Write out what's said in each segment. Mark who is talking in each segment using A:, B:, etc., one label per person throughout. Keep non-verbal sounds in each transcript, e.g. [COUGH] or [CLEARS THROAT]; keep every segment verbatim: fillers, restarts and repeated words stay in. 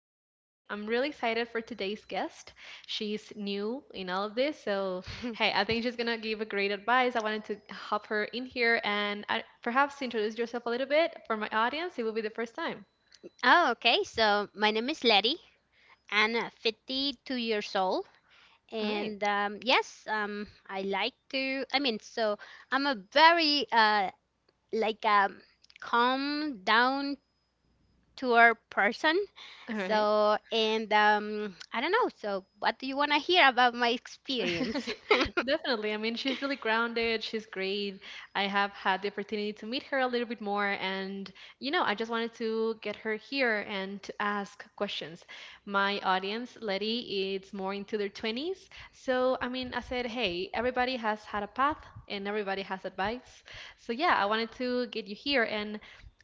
A: here today. I'm really excited for today's guest. She's new in all of this, so hey,
B: [CLEARS THROAT]
A: I think she's gonna give a great advice. I wanted to hop her in here and uh perhaps introduce yourself a little bit for my audience. It will be the first time.
B: Oh, okay. So my name is Letty. I'm uh, fifty-two years old.
A: All right,
B: And um, yes, um, I like to, I mean, so I'm a very uh, like um, calm down tour person.
A: all right.
B: So, and um, I don't know. So what do you want to hear about my
A: [LAUGHS]
B: experience? [LAUGHS]
A: Definitely. I mean, she's really grounded. She's great. I have had the opportunity to meet her a little bit more. And, you know, I just wanted to get her here and to ask questions. My audience, Letty, it's more into their twenties. So, I mean, I said, hey, everybody has had a path and everybody has advice. So, yeah, I wanted to get you here. And,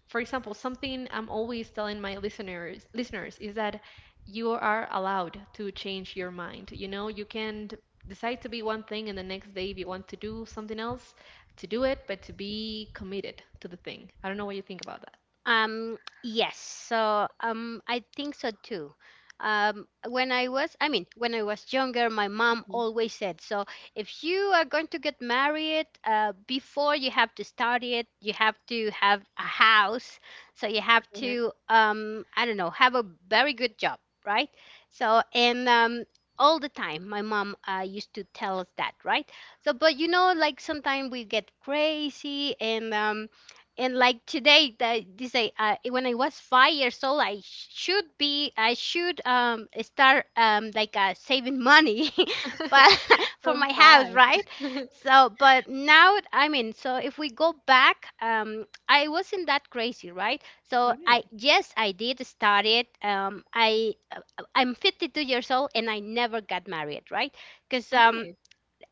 A: for example, something I'm always telling my listeners listeners is that you are allowed to change your mind. You know, you can decide to be one thing and the next day if you want to do something else, to do it, but to be committed to the thing. I don't know what you think about that.
B: Um, yes. So, um, I think so too. Um, when I was, I mean, when I was younger, my mom always said, so if you are going to get married, uh, before you have to study it, you have to have a house. So you have
A: Mhm. Right.
B: to, um, I don't know, have a very good job, right? So, and, um, all the time, my mom uh, used to tell us that, right? So, but you know, like sometimes we get crazy and, um, and like today that this, I, I when I was five years old, i sh- should be i should um start um like uh, saving money [LAUGHS] but
A: [LAUGHS]
B: [LAUGHS] for
A: From
B: my house,
A: five.
B: right?
A: [LAUGHS]
B: So, but now, I mean, so if we go back, um I wasn't that crazy, right? So,
A: All
B: I,
A: right,
B: yes, I did study it. um I, uh, I'm fifty-two years old and I never got married, right? Because
A: all
B: um
A: right.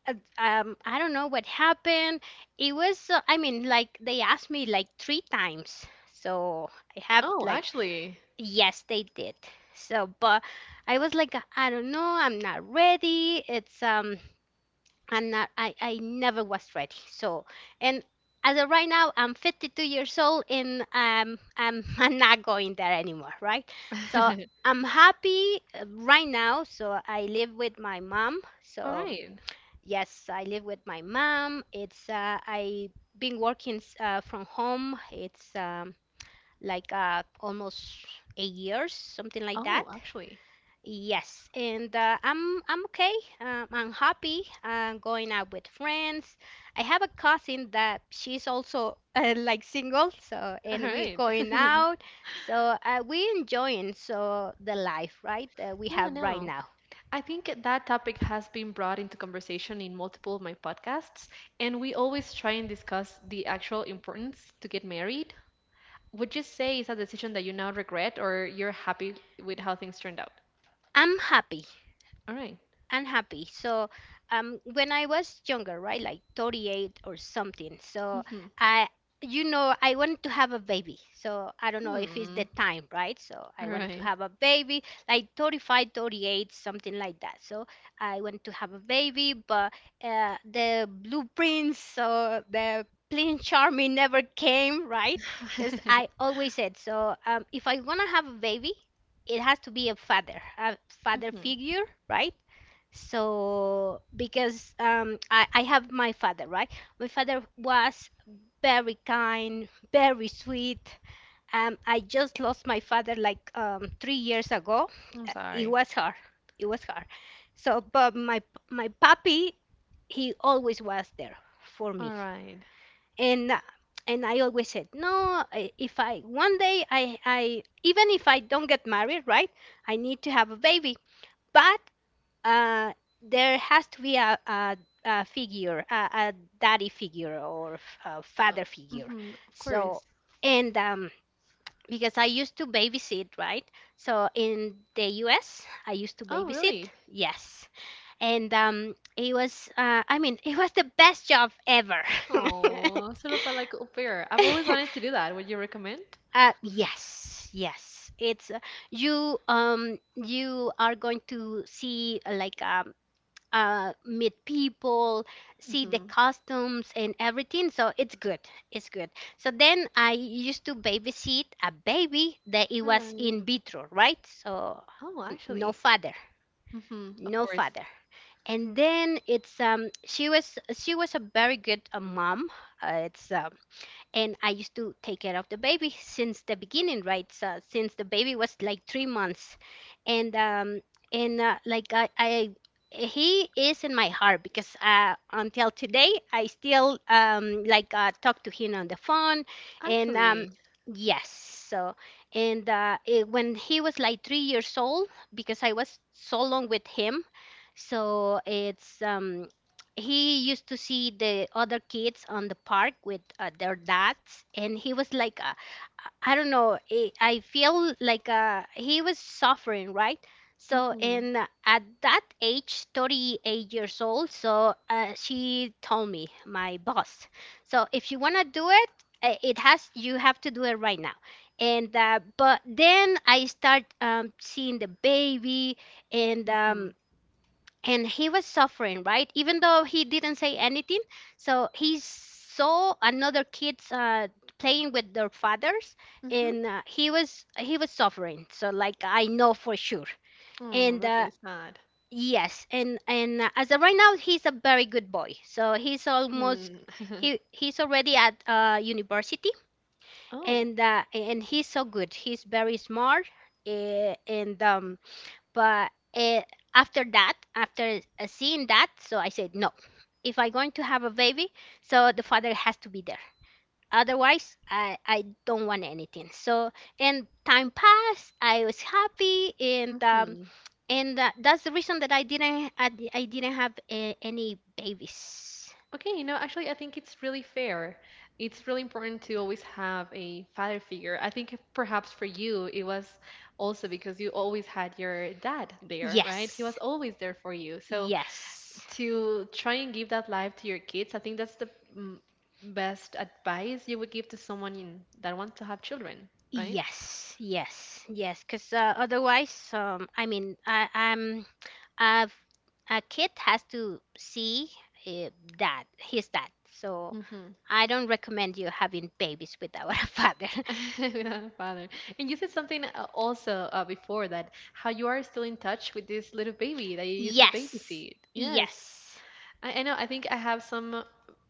B: uh, um, I don't know what happened. It was, uh, I mean, like they asked me like three times. So I have
A: Oh,
B: like,
A: actually.
B: yes, they did. So, but I was like, I don't know, I'm not ready. It's, um, I'm not, I, I never was ready. So, and as of right now, I'm fifty-two years old and um, I'm, [LAUGHS] I'm not going there anymore, right? So
A: [LAUGHS]
B: I'm happy uh, right now. So I live with my mom.
A: All
B: So,
A: right.
B: Yes, I live with my mom. It's uh, I been working s- uh, from home. It's um, like uh, almost eight years, something like that.
A: Oh, actually.
B: Yes, and uh, I'm I'm okay. Um, I'm happy. I'm going out with friends. I have a cousin that she's also [LAUGHS] uh, like single, so
A: All
B: and we're
A: right.
B: going
A: [LAUGHS]
B: out. So uh, we enjoying so the life, right? Uh, we
A: Yeah,
B: have right
A: no,
B: now.
A: I think that topic has been brought into conversation in multiple of my podcasts, and we always try and discuss the actual importance to get married. Would you say it's a decision that you now regret, or you're happy with how things turned out?
B: I'm happy.
A: All right.
B: Unhappy. So, um, when I was younger, right, like thirty-eight or something, so
A: Mm-hmm.
B: I, you know, I want to have a baby. So I don't know if it's the
A: Hmm.
B: time, right? So
A: All
B: I want to
A: right.
B: have a baby, like thirty-five, thirty-eight, something like that. So I want to have a baby, but uh, the blueprints, so the plain charming never came, right? Because
A: [LAUGHS]
B: I always said, so um, if I want to have a baby, it has to be a father, a father
A: Mm-hmm.
B: figure, right? So because um, I, I have my father, right? My father was very kind, very sweet. Um, I just lost my father like um, three years ago.
A: I'm
B: Uh, It
A: sorry.
B: was hard. It was hard. So, but my my puppy, he always was there for me,
A: All right.
B: and uh, and I always said, no, I- if I one day I I even if I don't get married, right? I need to have a baby. But uh, there has to be a, a, a figure, a, a daddy figure or f- a
A: Uh,
B: father figure.
A: mm-hmm. Of
B: So,
A: course.
B: and um, because I used to babysit, right? So in the U S, I used to
A: Oh,
B: babysit,
A: really?
B: yes. And um, it was, uh, I mean, it was the best job ever.
A: Oh,
B: [LAUGHS]
A: sort of a, like au pair. I've always wanted to do that. Would you recommend?
B: Uh, yes, yes. It's uh, you um you are going to see uh, like um uh, meet people, see the
A: Mm-hmm.
B: costumes and everything. So it's good. It's good. So then I used to babysit a baby that it
A: All
B: was
A: right.
B: in vitro, right? So
A: Oh,
B: n- no
A: actually.
B: father,
A: Mm-hmm. Of
B: no
A: course.
B: father. And then it's um she was she was a very good uh, mom. Uh, it's um and I used to take care of the baby since the beginning, right? So since the baby was like three months, and um, and uh, like I, I he is in my heart because uh, until today I still um, like uh, talk to him on the phone, and um,
A: Actually.
B: yes, so and uh, it, when he was like three years old, because I was so long with him, so it's um, he used to see the other kids on the park with uh, their dads, and he was like uh, I don't know, eh, I feel like uh, he was suffering, right? So
A: Mm-hmm.
B: and uh, at that age thirty-eight years old, so uh, she told me, my boss, so if you want to do it, eh, it has you have to do it right now. And uh, but then I start um, seeing the baby, and
A: Mm-hmm.
B: um, and he was suffering, right, even though he didn't say anything. So he saw another kids uh, playing with their fathers,
A: Mm-hmm.
B: and uh, he was he was suffering, so like I know for sure.
A: Oh,
B: and
A: that's
B: uh,
A: really sad.
B: yes, and and uh, as of right now he's a very good boy, so he's almost —
A: Hmm. [LAUGHS]
B: he he's already at uh, university,
A: Oh.
B: and uh, and he's so good, he's very smart. eh, and um But eh, after that, after uh, seeing that, so I said, no, if I'm going to have a baby, so the father has to be there. Otherwise, i, I don't want anything. So, and time passed. I was happy, and um,
A: Mm-hmm.
B: and uh, that's the reason that i didn't i, I didn't have uh, any babies.
A: Okay, you know, actually, I think it's really fair. It's really important to always have a father figure. I think if perhaps for you, it was also because you always had your dad there, right? He
B: Yes,
A: was always there for you. So
B: yes.
A: to try and give that life to your kids, I think that's the mm, best advice you would give to someone in, that wants to have children, right?
B: Yes, yes, yes. Because uh, otherwise, um, I mean, I, I'm, I've, a kid has to see uh, that his dad. So
A: Mm-hmm.
B: I don't recommend you having babies without a father. [LAUGHS]
A: [LAUGHS] Without a father. And you said something uh, also uh, before, that how you are still in touch with this little baby that you used to
B: Yes,
A: babysit. Yes.
B: yes.
A: I, I know. I think I have some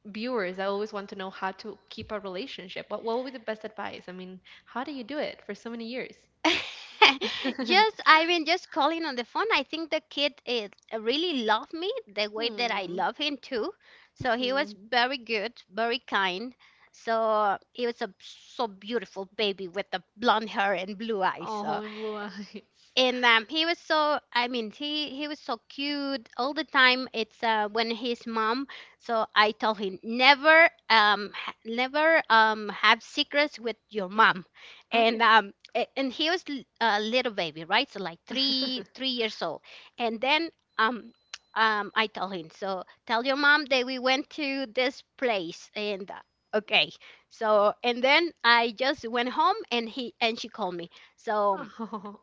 A: viewers that always want to know how to keep a relationship. What what would be the best advice? I mean, how do you do it for so many years?
B: [LAUGHS]
A: [LAUGHS] Hmm.
B: just I mean, just calling on the phone. I think the kid is really loved me, the way that I love him too. So he was
A: Hmm.
B: very good, very kind. So he was a so beautiful baby with the blonde hair and blue eyes, so
A: Oh, in blue eyes.
B: and um, he was so, I mean, he he was so cute all the time. It's uh, when his mom — so I told him, never um ha- never um have secrets with your mom.
A: All
B: and
A: right.
B: um a- and he was l- a little baby, right, so like three
A: [LAUGHS]
B: three years old. And then um um I told him, so tell your mom that we went to this place, and uh, okay. So, and then I just went home, and he and she called me. So
A: Oh.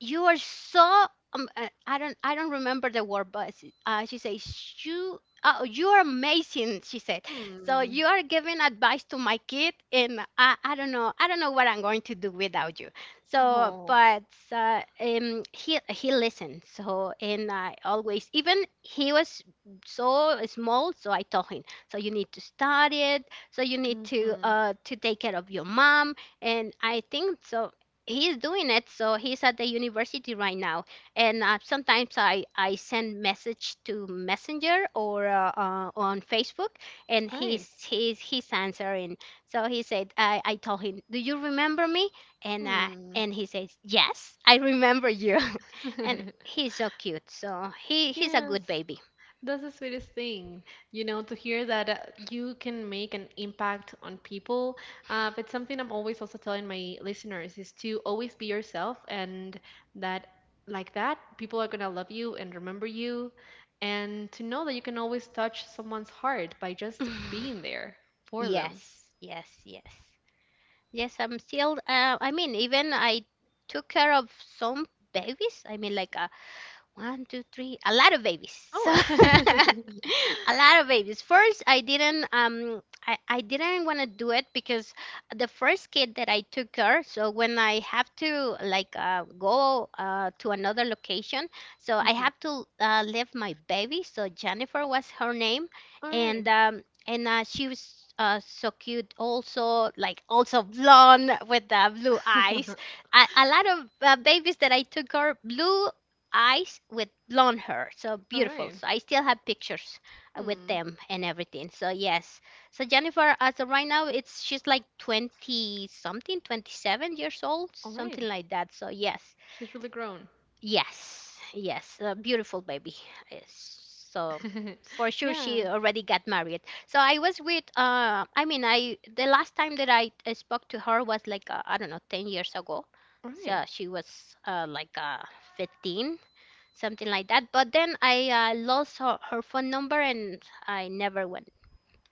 B: you are so, um, uh, I don't I don't remember the word, but s- uh, she says, you oh, you are amazing. She said, so
A: Hmm.
B: you are giving advice to my kid, and I, I don't know, I don't know what I'm going to do without you. So,
A: Oh.
B: but uh, um he he listened. So, and I always, even he was so small, so I told him, so you need to study it, so you need to
A: Mm-hmm.
B: uh to take care of your mom, and I think so he's doing it, so he's at the university right now. And uh, sometimes i i send message to messenger, or uh, uh, on Facebook, and
A: All right.
B: he's he's he's answering. So he said, i i told him, do you remember me? and uh
A: Hmm.
B: and he says, yes, I remember you. [LAUGHS] And he's so cute, so he
A: [LAUGHS]
B: he's a
A: Yes.
B: good baby. [LAUGHS]
A: That's the sweetest thing, you know, to hear that uh, you can make an impact on people. Uh, but something I'm always also telling my listeners is to always be yourself, and that, like that, people are gonna love you and remember you, and to know that you can always touch someone's heart by just
B: [SIGHS]
A: being there for them.
B: Yes, yes, yes. Yes, I'm still, uh, I mean, even I took care of some babies. I mean, like, uh, one, two, three, a lot of babies.
A: Oh.
B: So, [LAUGHS]
A: [LAUGHS]
B: a lot of babies. First, I didn't um I, I didn't want to do it, because the first kid that I took care, so when I have to like uh, go uh, to another location, so I
A: Mhm.
B: have to uh, leave my baby. So Jennifer was her name,
A: All
B: and
A: right.
B: um and uh, she was uh, so cute, also like also blonde with uh, blue eyes.
A: [LAUGHS]
B: A, a lot of uh, babies that I took are blue eyes with blonde hair. So
A: All
B: beautiful.
A: right.
B: So I still have pictures uh, with
A: Hmm.
B: them and everything. So yes. So Jennifer, as of right now, it's she's like twenty something, twenty-seven years old,
A: All
B: something
A: right.
B: like that. So yes.
A: She's really grown.
B: Yes. Yes. A beautiful baby. Yes. So
A: [LAUGHS]
B: for sure
A: Yeah,
B: she already got married. So I was with uh I mean, I the last time that I uh, spoke to her was like uh, I don't know, ten years ago.
A: all right.
B: So she was uh, like uh, fifteen, something like that. But then I uh, lost her, her phone number, and I never went.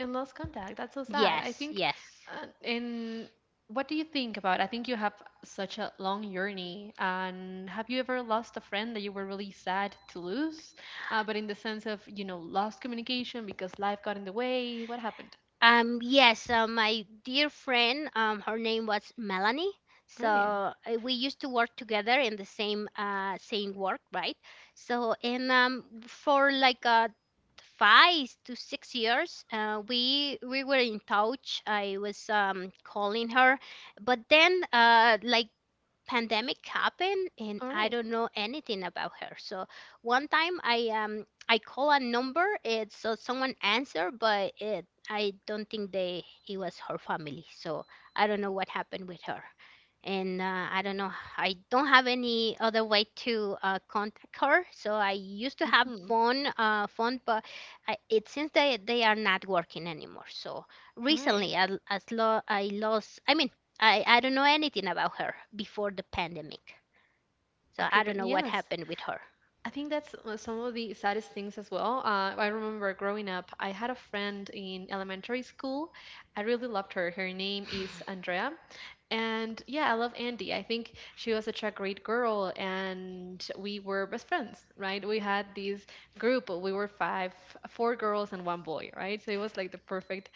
A: And lost contact. That's so sad. I
B: Yes,
A: think,
B: yes.
A: uh, and what do you think about? I think you have such a long journey. And have you ever lost a friend that you were really sad to lose? Uh, but in the sense of, you know, lost communication because life got in the way. What happened?
B: Um, yes, uh, my dear friend, um, her name was Melanie. So
A: Right.
B: uh, we used to work together in the same uh, same work, right? So and um, for like uh, five to six years, uh, we we were in touch. I was um, calling her, but then uh, like pandemic happened and
A: All
B: I
A: right.
B: don't know anything about her. So one time I um I call a number, it so someone answered, but it I don't think they it was her family. So I don't know what happened with her. And uh, I don't know. I don't have any other way to uh, contact her. So I used to have
A: Mm-hmm.
B: phone, uh, phone, but I, it seems they they are not working anymore. So
A: All right.
B: recently, I, as lo I lost. I mean, I, I don't know anything about her before the pandemic. So
A: After,
B: I don't
A: but
B: know what
A: yes.
B: happened with her.
A: I think that's uh, some of the saddest things as well. Uh, I remember growing up, I had a friend in elementary school. I really loved her. Her name is Andrea. And yeah, I love Andy. I think she was such a great girl, and we were best friends, right? We had this group. We were five, four girls and one boy, right? So it was like the perfect,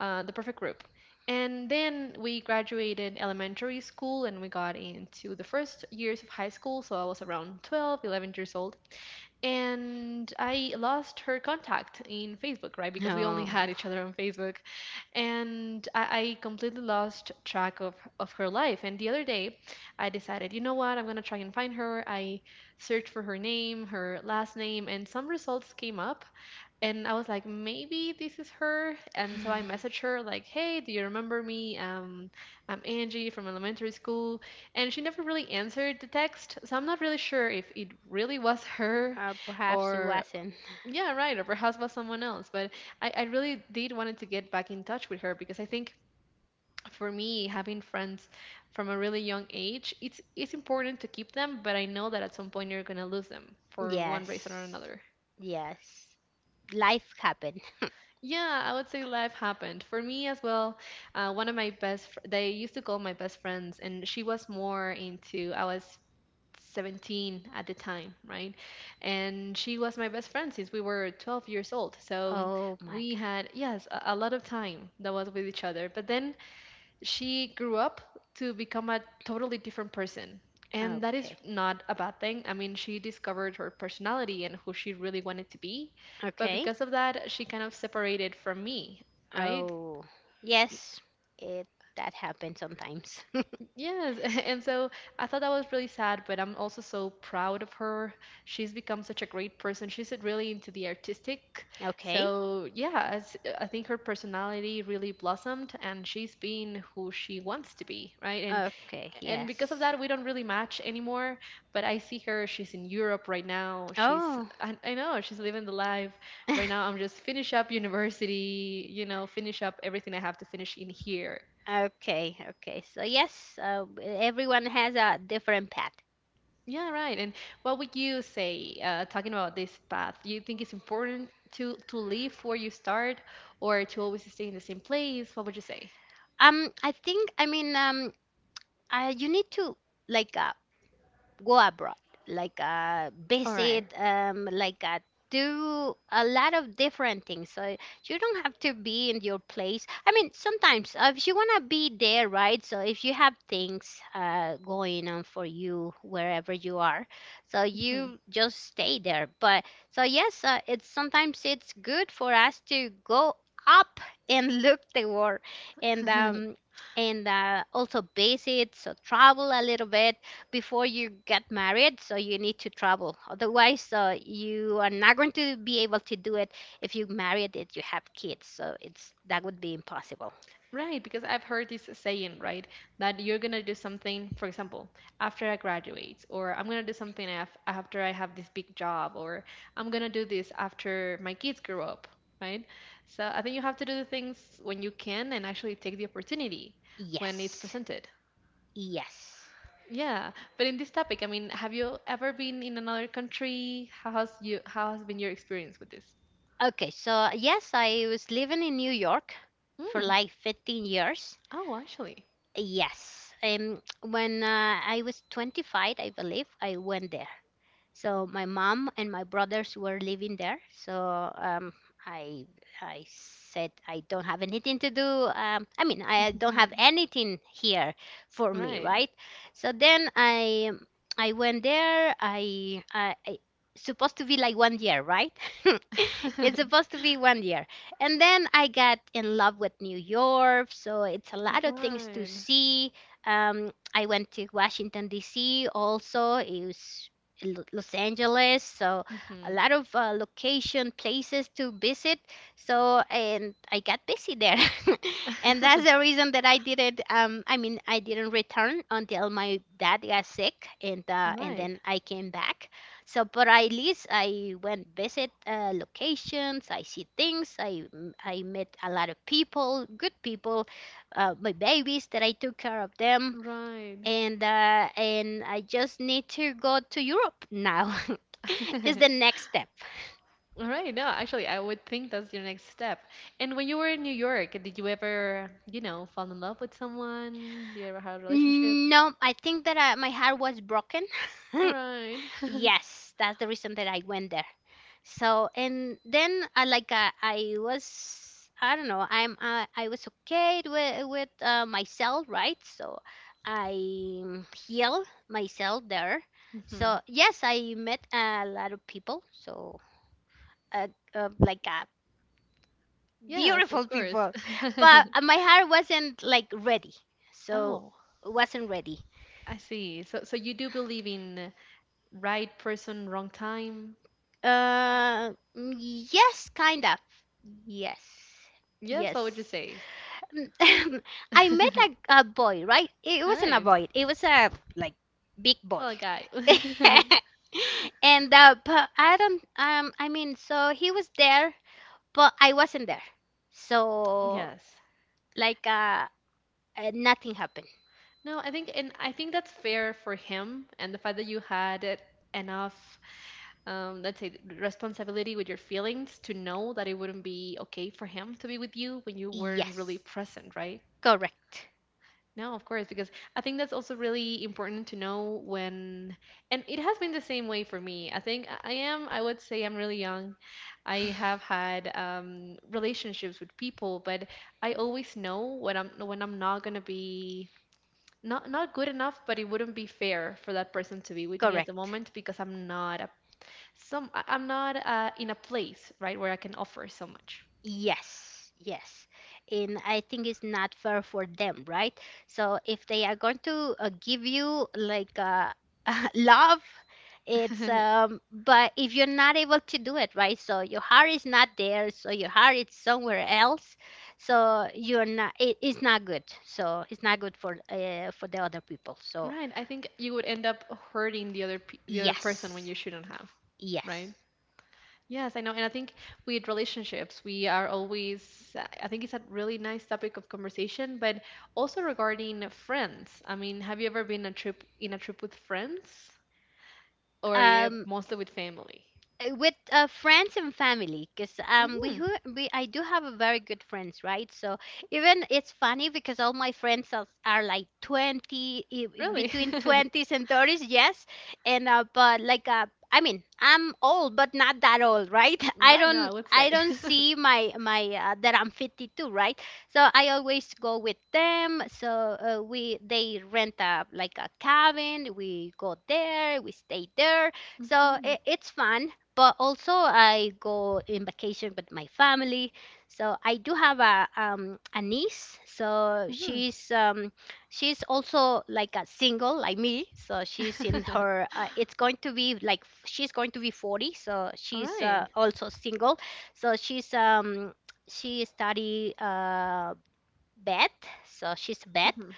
A: uh, the perfect group. And then we graduated elementary school and we got into the first years of high school. So I was around twelve, eleven years old, and I lost her contact in Facebook, right? Because we only
B: No,
A: had
B: no.
A: each other on Facebook, and I, I completely lost track of of her life. And the other day, I decided, you know what? I'm gonna try and find her. I searched for her name, her last name, and some results came up, and I was like, maybe this is her. And so I messaged her like, hey, do you remember me? Um, I'm Angie from elementary school. And she never really answered the text, so I'm not really sure if it really was [LAUGHS] her,
B: Uh, perhaps it
A: or
B: wasn't.
A: yeah, right, or perhaps was someone else. But I, I really did wanted to get back in touch with her because I think for me, having friends from a really young age, it's it's important to keep them, but I know that at some point you're gonna lose them for one reason or
B: Yes.
A: another.
B: Yes. Life happened.
A: Yeah, I would say life happened for me as well. Uh, one of my best, fr- they used to call my best friends, and she was more into. I was seventeen at the time, right? And she was my best friend since we were twelve years old. So
B: Oh my
A: we had, yes, a, a lot of time that was with each other. But then she grew up to become a totally different person.
B: God.
A: And that is
B: Okay.
A: not a bad thing. I mean, she discovered her personality and who she really wanted to be. But
B: Okay.
A: because of that, she kind of separated from me, right?
B: Oh, yes. It That happens sometimes. [LAUGHS]
A: Yes. [LAUGHS] And so I thought that was really sad, but I'm also so proud of her. She's become such a great person. She's really into the artistic.
B: Okay.
A: So, yeah, as, I think her personality really blossomed and she's being who she wants to be, right? And
B: Okay.
A: and because of
B: Yes.
A: that, we don't really match anymore, but I see her, she's in Europe right now. she's
B: Oh. [LAUGHS]
A: i, I know she's living the life right now. I'm just finish up university, you know finish up everything I have to finish in here.
B: Okay. Okay. So yes, uh, everyone has a different path.
A: Yeah, right. And what would you say, uh, talking about this path, do you think it's important to to leave where you start, or to always stay in the same place? What would you say?
B: Um, I think, I mean, um, uh, you need to like uh, go abroad, like uh,
A: All right.
B: visit, um, like uh, do a lot of different things. So you don't have to be in your place. I mean, sometimes uh, if you wanna be there, right? So if you have things uh, going on for you wherever you are, so
A: Mhm.
B: you just stay there. But so yes, uh, it's sometimes it's good for us to go up and [LAUGHS] look the world and
A: [LAUGHS]
B: um and uh, also visit, so travel a little bit before you get married. So you need to travel, otherwise uh, you are not going to be able to do it if you married it, you have kids, so it's that would be impossible.
A: Right, because I've heard this saying, right, that you're gonna do something, for example, after I graduate, or I'm gonna do something af after I have this big job, or I'm gonna do this after my kids grow up, right? So I think you have to do the things when you can and actually take the opportunity when it's
B: Yes,
A: presented.
B: yes.
A: Yeah, but in this topic, I mean, have you ever been in another country? How has you, how has been your experience with this?
B: Okay, so yes, I was living in New York for
A: Mm.
B: like fifteen years.
A: Oh, actually.
B: Yes. um when uh, I was twenty-five, I believe, I went there. So my mom and my brothers were living there. So um, I I said I don't have anything to do. Um, I mean, I don't have
A: [LAUGHS]
B: anything here for me,
A: Right.
B: right? So then I I went there. I I, I supposed to be like one year, right? [LAUGHS] It's
A: [LAUGHS]
B: supposed to be one year. And then I got in love with New York. So it's a lot of things to
A: Right.
B: see. Um, I went to Washington D C also. It was L- Los Angeles, so a
A: Mhm.
B: lot of uh, location places to visit. So and I got busy there, [LAUGHS] and that's the reason that I didn't. Um, I mean, I didn't return until my dad got sick, and
A: All
B: uh, and
A: right.
B: then I came back. So, but at least I went visit uh, locations. I see things. I I met a lot of people, good people, uh, my babies that I took care of them,
A: Right.
B: and uh, and I just need to go to Europe now. [LAUGHS] Is the
A: [LAUGHS]
B: next step.
A: All right. No, actually, I would think that's your next step. And when you were in New York, did you ever, you know, fall in love with someone? Did you ever have a relationship?
B: No, I think that I, my heart was broken.
A: All
B: [LAUGHS]
A: right. [LAUGHS]
B: Yes, that's the reason that I went there. So and then I like uh, I was, I don't know, I'm uh, I was okay with with uh, myself, right? So I heal myself there. So
A: Mhm.
B: yes, I met a lot of people. So uh, uh, like uh,
A: Yes,
B: beautiful
A: of course.
B: people. But
A: [LAUGHS]
B: uh, my hair wasn't like ready, so
A: Oh,
B: it wasn't ready.
A: I see. So, so you do believe in right person, wrong time?
B: Uh, mm, yes, kind of. Yes,
A: Yes,
B: yes.
A: what would you say?
B: Mm, [LAUGHS] I met a, a boy, right? It
A: All
B: wasn't a
A: right.
B: boy. It was a like big boy.
A: Well, a guy.
B: [LAUGHS]
A: [LAUGHS]
B: and uh, but I don't. Um, I mean, so he was there, but I wasn't there. So
A: Yes.
B: like uh, uh nothing happened.
A: No, I think, and I think that's fair for him, and the fact that you had it enough, um, let's say, responsibility with your feelings to know that it wouldn't be okay for him to be with you when you weren't really
B: Yes,
A: present, right?
B: correct.
A: No, of course, because I think that's also really important to know when. And it has been the same way for me. I think i I am. I would say I'm really young. I have had, um, relationships with people, but I always know when i'm when i'm not going to be not not good enough, but it wouldn't be fair for that person to be with me at the
B: Correct.
A: moment because i'm not a some I- i'm not uh, in a place right where I can offer so much.
B: Yes, yes. And I think it's not fair for them, right? So if they are going to uh, give you like uh, [LAUGHS] love, it's
A: [LAUGHS]
B: um but if you're not able to do it, right? So your heart is not there, so your heart is somewhere else. So you're not it, it's not good. So it's not good for uh, for the other people. So
A: Right, I think you would end up hurting the other pe- the other person when
B: yes.
A: you shouldn't have, right?
B: Yes.
A: Yes, I know. And I think with relationships we are always, I think, it's a really nice topic of conversation. But also regarding friends, I mean, have you ever been a trip in a trip with friends, or you-
B: Um
A: mostly with family?
B: uh, with uh, friends and family, because um we,
A: Hmm.
B: who, we I do have a very good friends, right? So even it's funny because all my friends are, are like twenty i- i-
A: Really?
B: between
A: [LAUGHS]
B: twenties and thirties. Yes. and uh, but like uh, I mean, I'm old but not that old, right? [LAUGHS] I
A: Right now, I
B: don't,
A: would say.
B: I don't see my my uh, that I'm fifty-two, right? So I always go with them. So uh, we they rent a like a cabin, we go there, we stay there. So
A: Hmm.
B: it, it's fun. But also I go in vacation with my family. So I do have a um a niece. So
A: Hmm.
B: she's um she's also like a single like me. So she's in her
A: [LAUGHS]
B: uh, it's going to be like f- she's going to be forty. So
A: All
B: she's uh,
A: right.
B: also single. So she's um she study uh vet. So she's a vet.
A: Mm-hmm.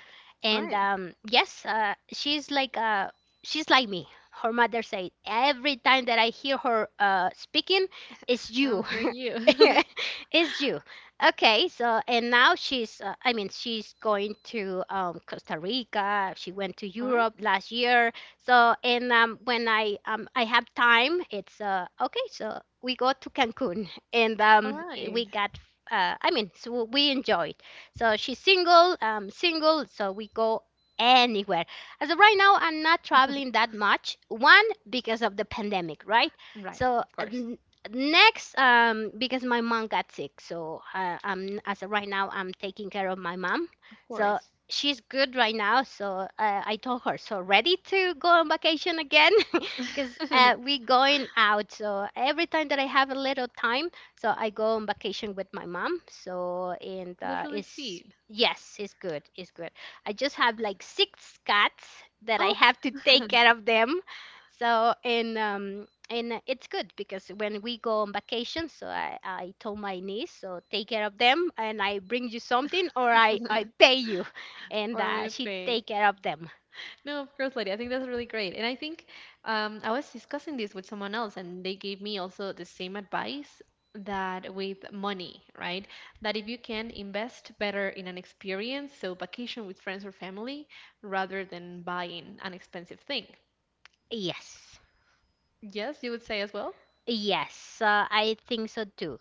A: All
B: And
A: right.
B: um, yes, uh, she's like uh, she's like me. Her mother said every time that I hear her uh, speaking, it's you,
A: I'm hearing you.
B: [LAUGHS]
A: [LAUGHS]
B: it's you. Okay, so and now she's uh, I mean, she's going to um, Costa Rica. She went to
A: All right.
B: Europe last year. So and um, when I um, I have time, it's uh, okay. So we go to Cancun [LAUGHS] and
A: All
B: um,
A: right.
B: we got uh, I mean, so we enjoy. So she's single, um, single. So we go anywhere. As of right now, I'm not traveling that much. One, because of the pandemic, right?
A: Right.
B: So
A: Of
B: uh,
A: course.
B: n- next, um, because my mom got sick. So uh, I'm as of right now, I'm taking care of my mom.
A: Of
B: So
A: course.
B: she's good right now. So uh, I told her, so ready to go on vacation again [LAUGHS]
A: [LAUGHS]
B: because
A: That's
B: uh, we going out, so every time that I have a little time, so I go on vacation with my mom. So and uh,
A: really
B: it's
A: sweet.
B: yes, it's good. It's good. I just have like six cats that I
A: Oh,
B: have to take care of them. So and um and it's good because when we go on vacation, so I I told my niece, so take care of them, and I bring you something or I I pay you, [LAUGHS] and
A: or I'm
B: uh,
A: gonna
B: she
A: pay.
B: take care of them.
A: No, of course, lady. I think that's really great. And I think um, I was discussing this with someone else, and they gave me also the same advice that with money, right? That if you can invest better in an experience, so vacation with friends or family, rather than buying an expensive thing.
B: Yes.
A: Yes, you would say as well.
B: Yes, uh, I think so too.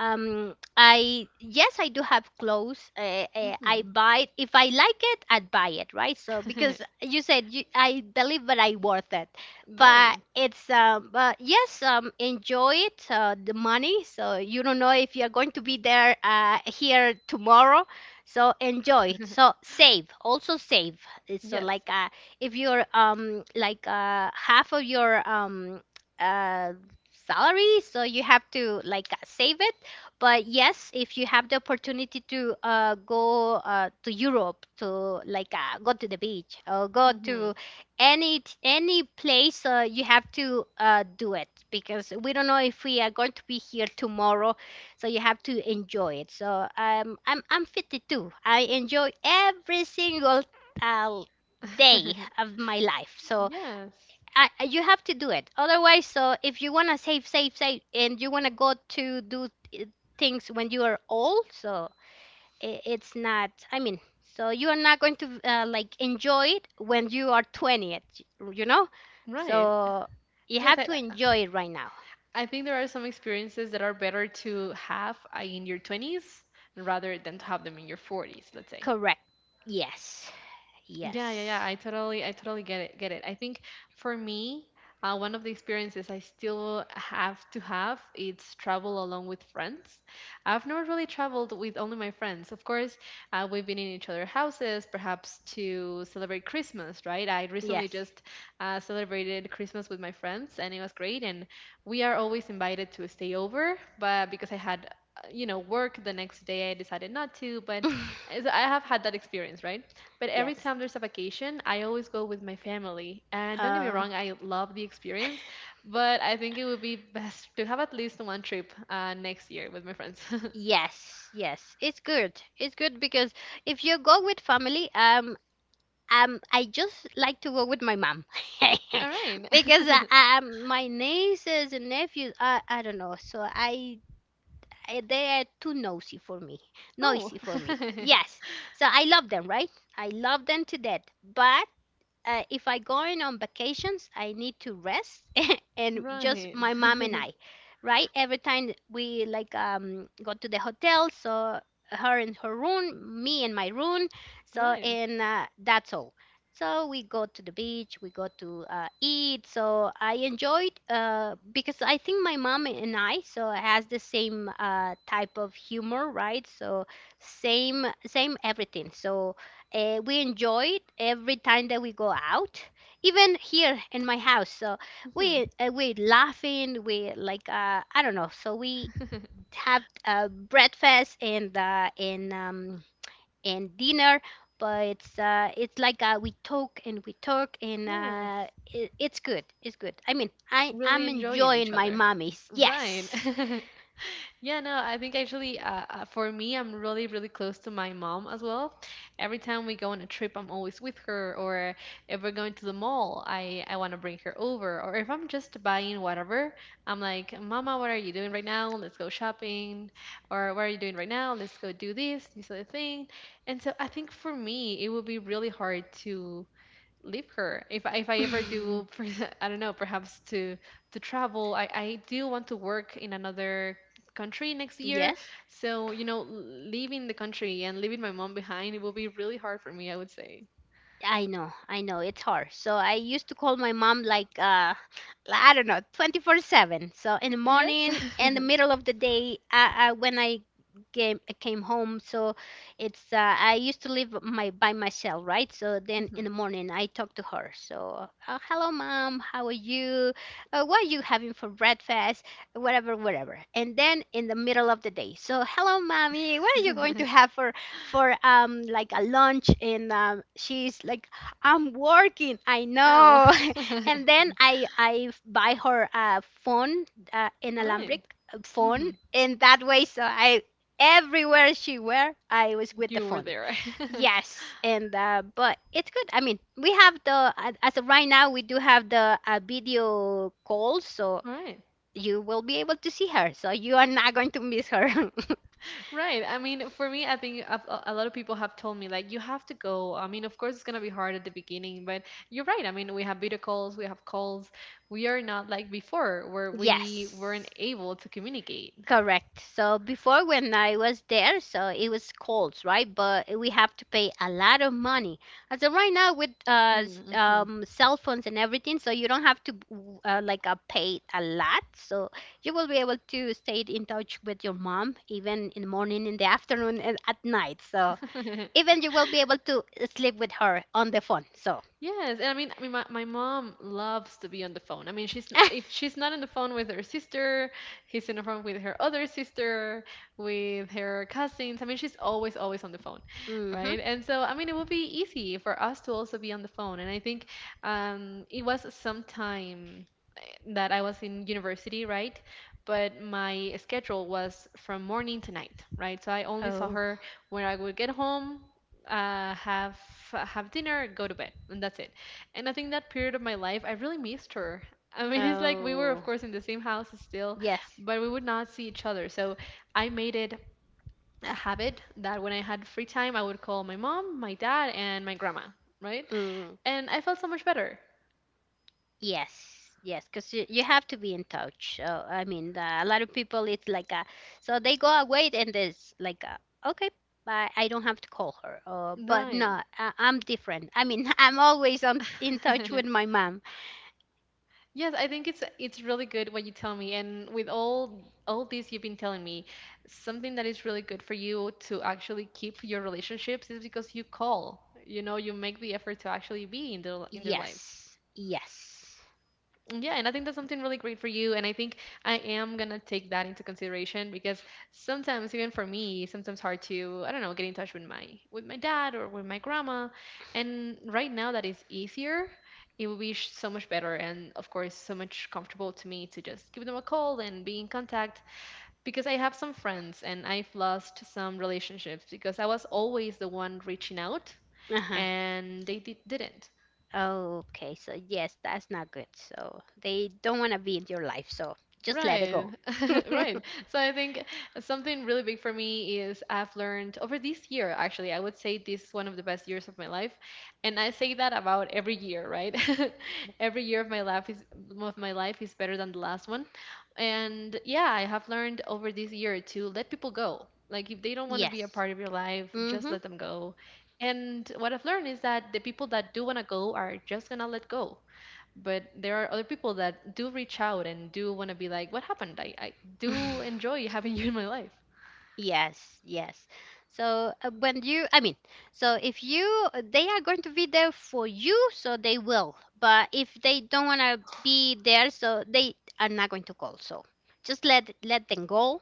B: Um, I Yes, I do have clothes. Uh, uh, I
A: Hmm.
B: buy, if I like it, I'd buy it, right? So because you said you, I believe that I worth it,
A: [LAUGHS]
B: but
A: Right.
B: it's um, but yes, um, enjoy it. Uh, the money, so you don't know if you're going to be there uh, here tomorrow, so enjoy it. So save, also save. It's So
A: Yes.
B: like uh, If you're um like uh half of your um. uh salary, so you have to like uh, save it. But yes, if you have the opportunity to uh, go uh, to Europe, to like uh, go to the beach or go
A: Mm-hmm.
B: to any any place, uh, you have to uh, do it because we don't know if we are going to be here tomorrow. So you have to enjoy it. So um, i'm i'm fifty-two, I enjoy every single uh, day
A: [LAUGHS]
B: of my life. So
A: Yes,
B: I, I- you have to do it. Otherwise, so if you wanna save, save, save, and you wanna go to do i- things when you are old, so i- it's not. I mean, so you are not going to uh, like enjoy it when you are twenty, at- you know. So
A: right.
B: you
A: Yes,
B: have
A: I,
B: to enjoy it right now.
A: I think there are some experiences that are better to have uh, in your twenties rather than to have them in your forties, let's say.
B: Correct. Yes.
A: Yeah, yeah,
B: Yes.
A: yeah. I totally, I totally get it, get it. I think for me, uh, one of the experiences I still have to have it's travel along with friends. I've never really traveled with only my friends. Of course, uh, we've been in each other's houses, perhaps to celebrate Christmas, right? I recently
B: Yes.
A: just uh, celebrated Christmas with my friends, and it was great. And we are always invited to stay over, but because I had, uh, you know, work the next day, I decided not to. But
B: [LAUGHS]
A: as I have had that experience, right? But every
B: Yes.
A: time there's a vacation, I always go with my family. And don't get me
B: Uh.
A: wrong, I love the experience, but I think it would be [LAUGHS] best to have at least one trip uh, next year with my friends. [LAUGHS]
B: Yes, yes, it's good. It's good because if you go with family, um, Um, I just like to go with my mom [LAUGHS]
A: All right. [LAUGHS]
B: because uh, um, my nieces and nephews, I, I don't know, so I, I they are too nosy for me,
A: Oh,
B: noisy for me.
A: [LAUGHS]
B: Yes, so I love them, right? I love them to death, but uh, if I going on vacations, I need to rest [LAUGHS] and just
A: right.
B: my mom and I, right? Every time we like um go to the hotel, so her in her room, me in my room,
A: All
B: so
A: right.
B: and uh, that's all. So we go to the beach, we go to uh, eat. So I enjoyed uh, because I think my mom and I so has the same uh, type of humor, right? So same same everything. So uh, we enjoy it every time that we go out, even here in my house. So
A: Mhm.
B: we uh, we laughing, we like uh, I don't know. So we
A: [LAUGHS]
B: have uh, breakfast and uh, and um, and dinner, but it's uh, it's like uh, we talk and we talk and uh,
A: Yes.
B: it, it's good. It's good. I mean, I
A: Really
B: I'm
A: enjoying
B: enjoying
A: each
B: my
A: other.
B: mommies.
A: Right.
B: Yes.
A: [LAUGHS] Yeah, no, I think actually, uh, uh, for me, I'm really, really close to my mom as well. Every time we go on a trip, I'm always with her. Or if we're going to the mall, I, I want to bring her over. Or if I'm just buying whatever, I'm like, Mama, what are you doing right now? Let's go shopping. Or what are you doing right now? Let's go do this, this other thing. And so I think for me, it would be really hard to leave her if I, if I ever do [LAUGHS]
B: [LAUGHS]
A: per- I don't know, perhaps to to travel. I, I do want to work in another country next year,
B: Yes.
A: so you know, leaving the country and leaving my mom behind, it will be really hard for me, I would say.
B: I know, I know, it's hard. So I used to call my mom like uh like, I don't know, twenty-four seven. So in the
A: Yes.
B: morning, in the
A: [LAUGHS]
B: middle of the day, I, I when I came came home, so it's uh, I used to live my by myself, right? So then in
A: Mhm.
B: the morning I talk to her. So, uh, "Hello mom, how are you? Uh, what are you having for breakfast?" Whatever, whatever. And then in the middle of the day, so, "Hello mommy, what are you going to have for for um like a lunch?" And um, she's like, "I'm working, I
A: Ow.
B: know."
A: [LAUGHS] All
B: [LAUGHS] And then i i buy her a phone, uh, an alambric
A: right.
B: phone,
A: Mm-hmm.
B: and that way so I everywhere she were, I was with the
A: You were
B: phone.
A: there. [LAUGHS] All
B: Yes. And uh, but it's good. I mean, we have the a- as of right now, we do have the uh, video call, so
A: right.
B: you will be able to see her, so you are not going to miss her. [LAUGHS]
A: Right. I mean, for me, I think a, a lot of people have told me like you have to go. I mean, of course, it's gonna be hard at the beginning, but you're right. I mean, we have video calls, we have calls. We are not like before, where we weren't
B: Yes.
A: able to communicate.
B: Correct. So before, when I was there, so it was cold, right? But we have to pay a lot of money. As so right now with uh s-
A: Mm-hmm.
B: um cell phones and everything, so you don't have to w- uh, like uh, pay a lot. So you will be able to stay in touch with your mom even in the morning, in the afternoon, and at night. So
A: [LAUGHS]
B: even you will be able to sleep with her on the phone. So.
A: Yes, and I mean, I mean, my, my mom loves to be on the phone. I mean, she's n-
B: [LAUGHS]
A: if she's not on the phone with her sister, she's on the phone with her other sister, with her cousins. I mean, she's always always on the phone,
B: Mhm.
A: right? And so, I mean, it would be easy for us to also be on the phone. And I think um, it was sometime that I was in university, right? But my schedule was from morning to night, right? So I only saw
B: Oh.
A: her when I would get home, uh, have have dinner, go to bed, and that's it. And I think that period of my life, I really missed her. [LAUGHS] I mean, it's like we were,
B: Oh.
A: of course, in the same house still,
B: Yes.
A: but we would not see each other. So I made it a habit that when I had free time, I would call my mom, my dad, and my grandma, right?
B: Mm.
A: And I felt so much better,
B: Yes, yes, because you, you have to be in touch. So, I mean, the, a lot of people, it's like, a, so they go away and there's like, a, okay, I, I don't have to call her. Uh, but
A: right?
B: no, I, I'm different. I mean, [LAUGHS] I'm always on, in touch with
A: [LAUGHS]
B: my mom.
A: Yes, I think it's it's really good what you tell me, and with all all this you've been telling me, something that is really good for you to actually keep your relationships is because you call. You know, you make the effort to actually be in their in their lives.
B: Yes, yes.
A: Yeah, and I think that's something really great for you. And I think I am gonna take that into consideration because sometimes, even for me, sometimes hard to, I don't know, get in touch with my with my dad or with my grandma. And right now that is easier. It would be sh- so much better and of course so much comfortable to me to just give them a call and be in contact because I have some friends and I've lost some relationships because I was always the one reaching out
B: Uh-huh.
A: and they di- didn't.
B: Okay, so yes, that's not good. So they don't want to be in your life, so just let it
A: Right,
B: go.
A: [LAUGHS] right. So I think something really big for me is I've learned over this year, actually, I would say this is one of the best years of my life. And I say that about every year, right? [LAUGHS] Every year of my life is of my life is better than the last one. And yeah, I have learned over this year to let people go. Like if they don't want to be a
B: Yes.
A: part of your life, just
B: Mm-hmm.
A: let them go. And what I've learned is that the people that do want to go are just gonna let go, but there are other people that do reach out and do want to be, like, what happened? i, I do
B: [LAUGHS]
A: enjoy having [LAUGHS] you in my life.
B: Yes, yes. So uh, when you, I mean, so if you, they are going to be there for you, so they will. But if they don't want to be there, so they are not going to call. So just let let them go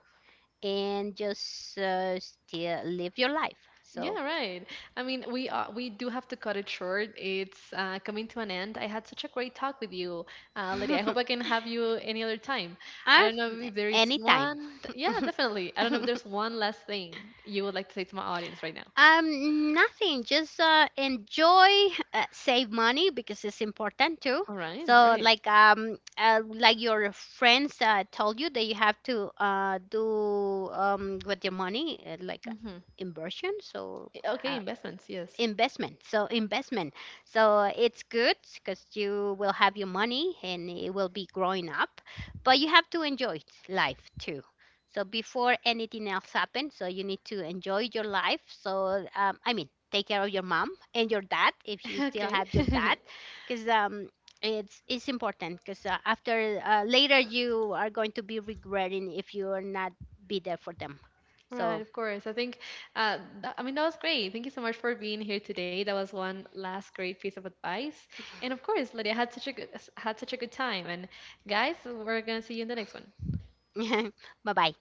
B: and just uh, still live your life. So,
A: Yeah, right. I mean, we are we do have to cut it short. It's uh, coming to an end. I had such a great talk with you, uh, lady. I hope I
B: [LAUGHS]
A: can have you any other time. I
B: uh,
A: don't know if there is
B: anytime.
A: one. Yeah, definitely. I don't know if
B: [LAUGHS]
A: there's one last thing you would like to say to my audience right now.
B: Um, nothing. Just uh, enjoy, uh, save money because it's important too.
A: All right, all
B: So,
A: right.
B: like um, uh, like your friends uh, told you that you have to uh do um with your money, uh, like uh,
A: Mm-hmm.
B: inversion. So,
A: Eh, okay,
B: uh,
A: investments, yes.
B: investment, so investment, so it's good because you will have your money and it will be growing up, but you have to enjoy life too. So before anything else happens, so you need to enjoy your life. So um, I mean, take care of your mom and your dad, if
A: [LAUGHS]
B: you still
A: Okay.
B: have your dad,
A: [LAUGHS]
B: because um, it's it's important because uh, after uh, later you are going to be regretting if you are not be there for them.
A: Right,
B: So
A: of course. I think, uh, th- I mean, that was great. Thank you so much for being here today. That was one last great piece of advice. And of course, Lydia had such a good, had such a good time. And guys, we're gonna see you in the next one.
B: [LAUGHS] bye bye.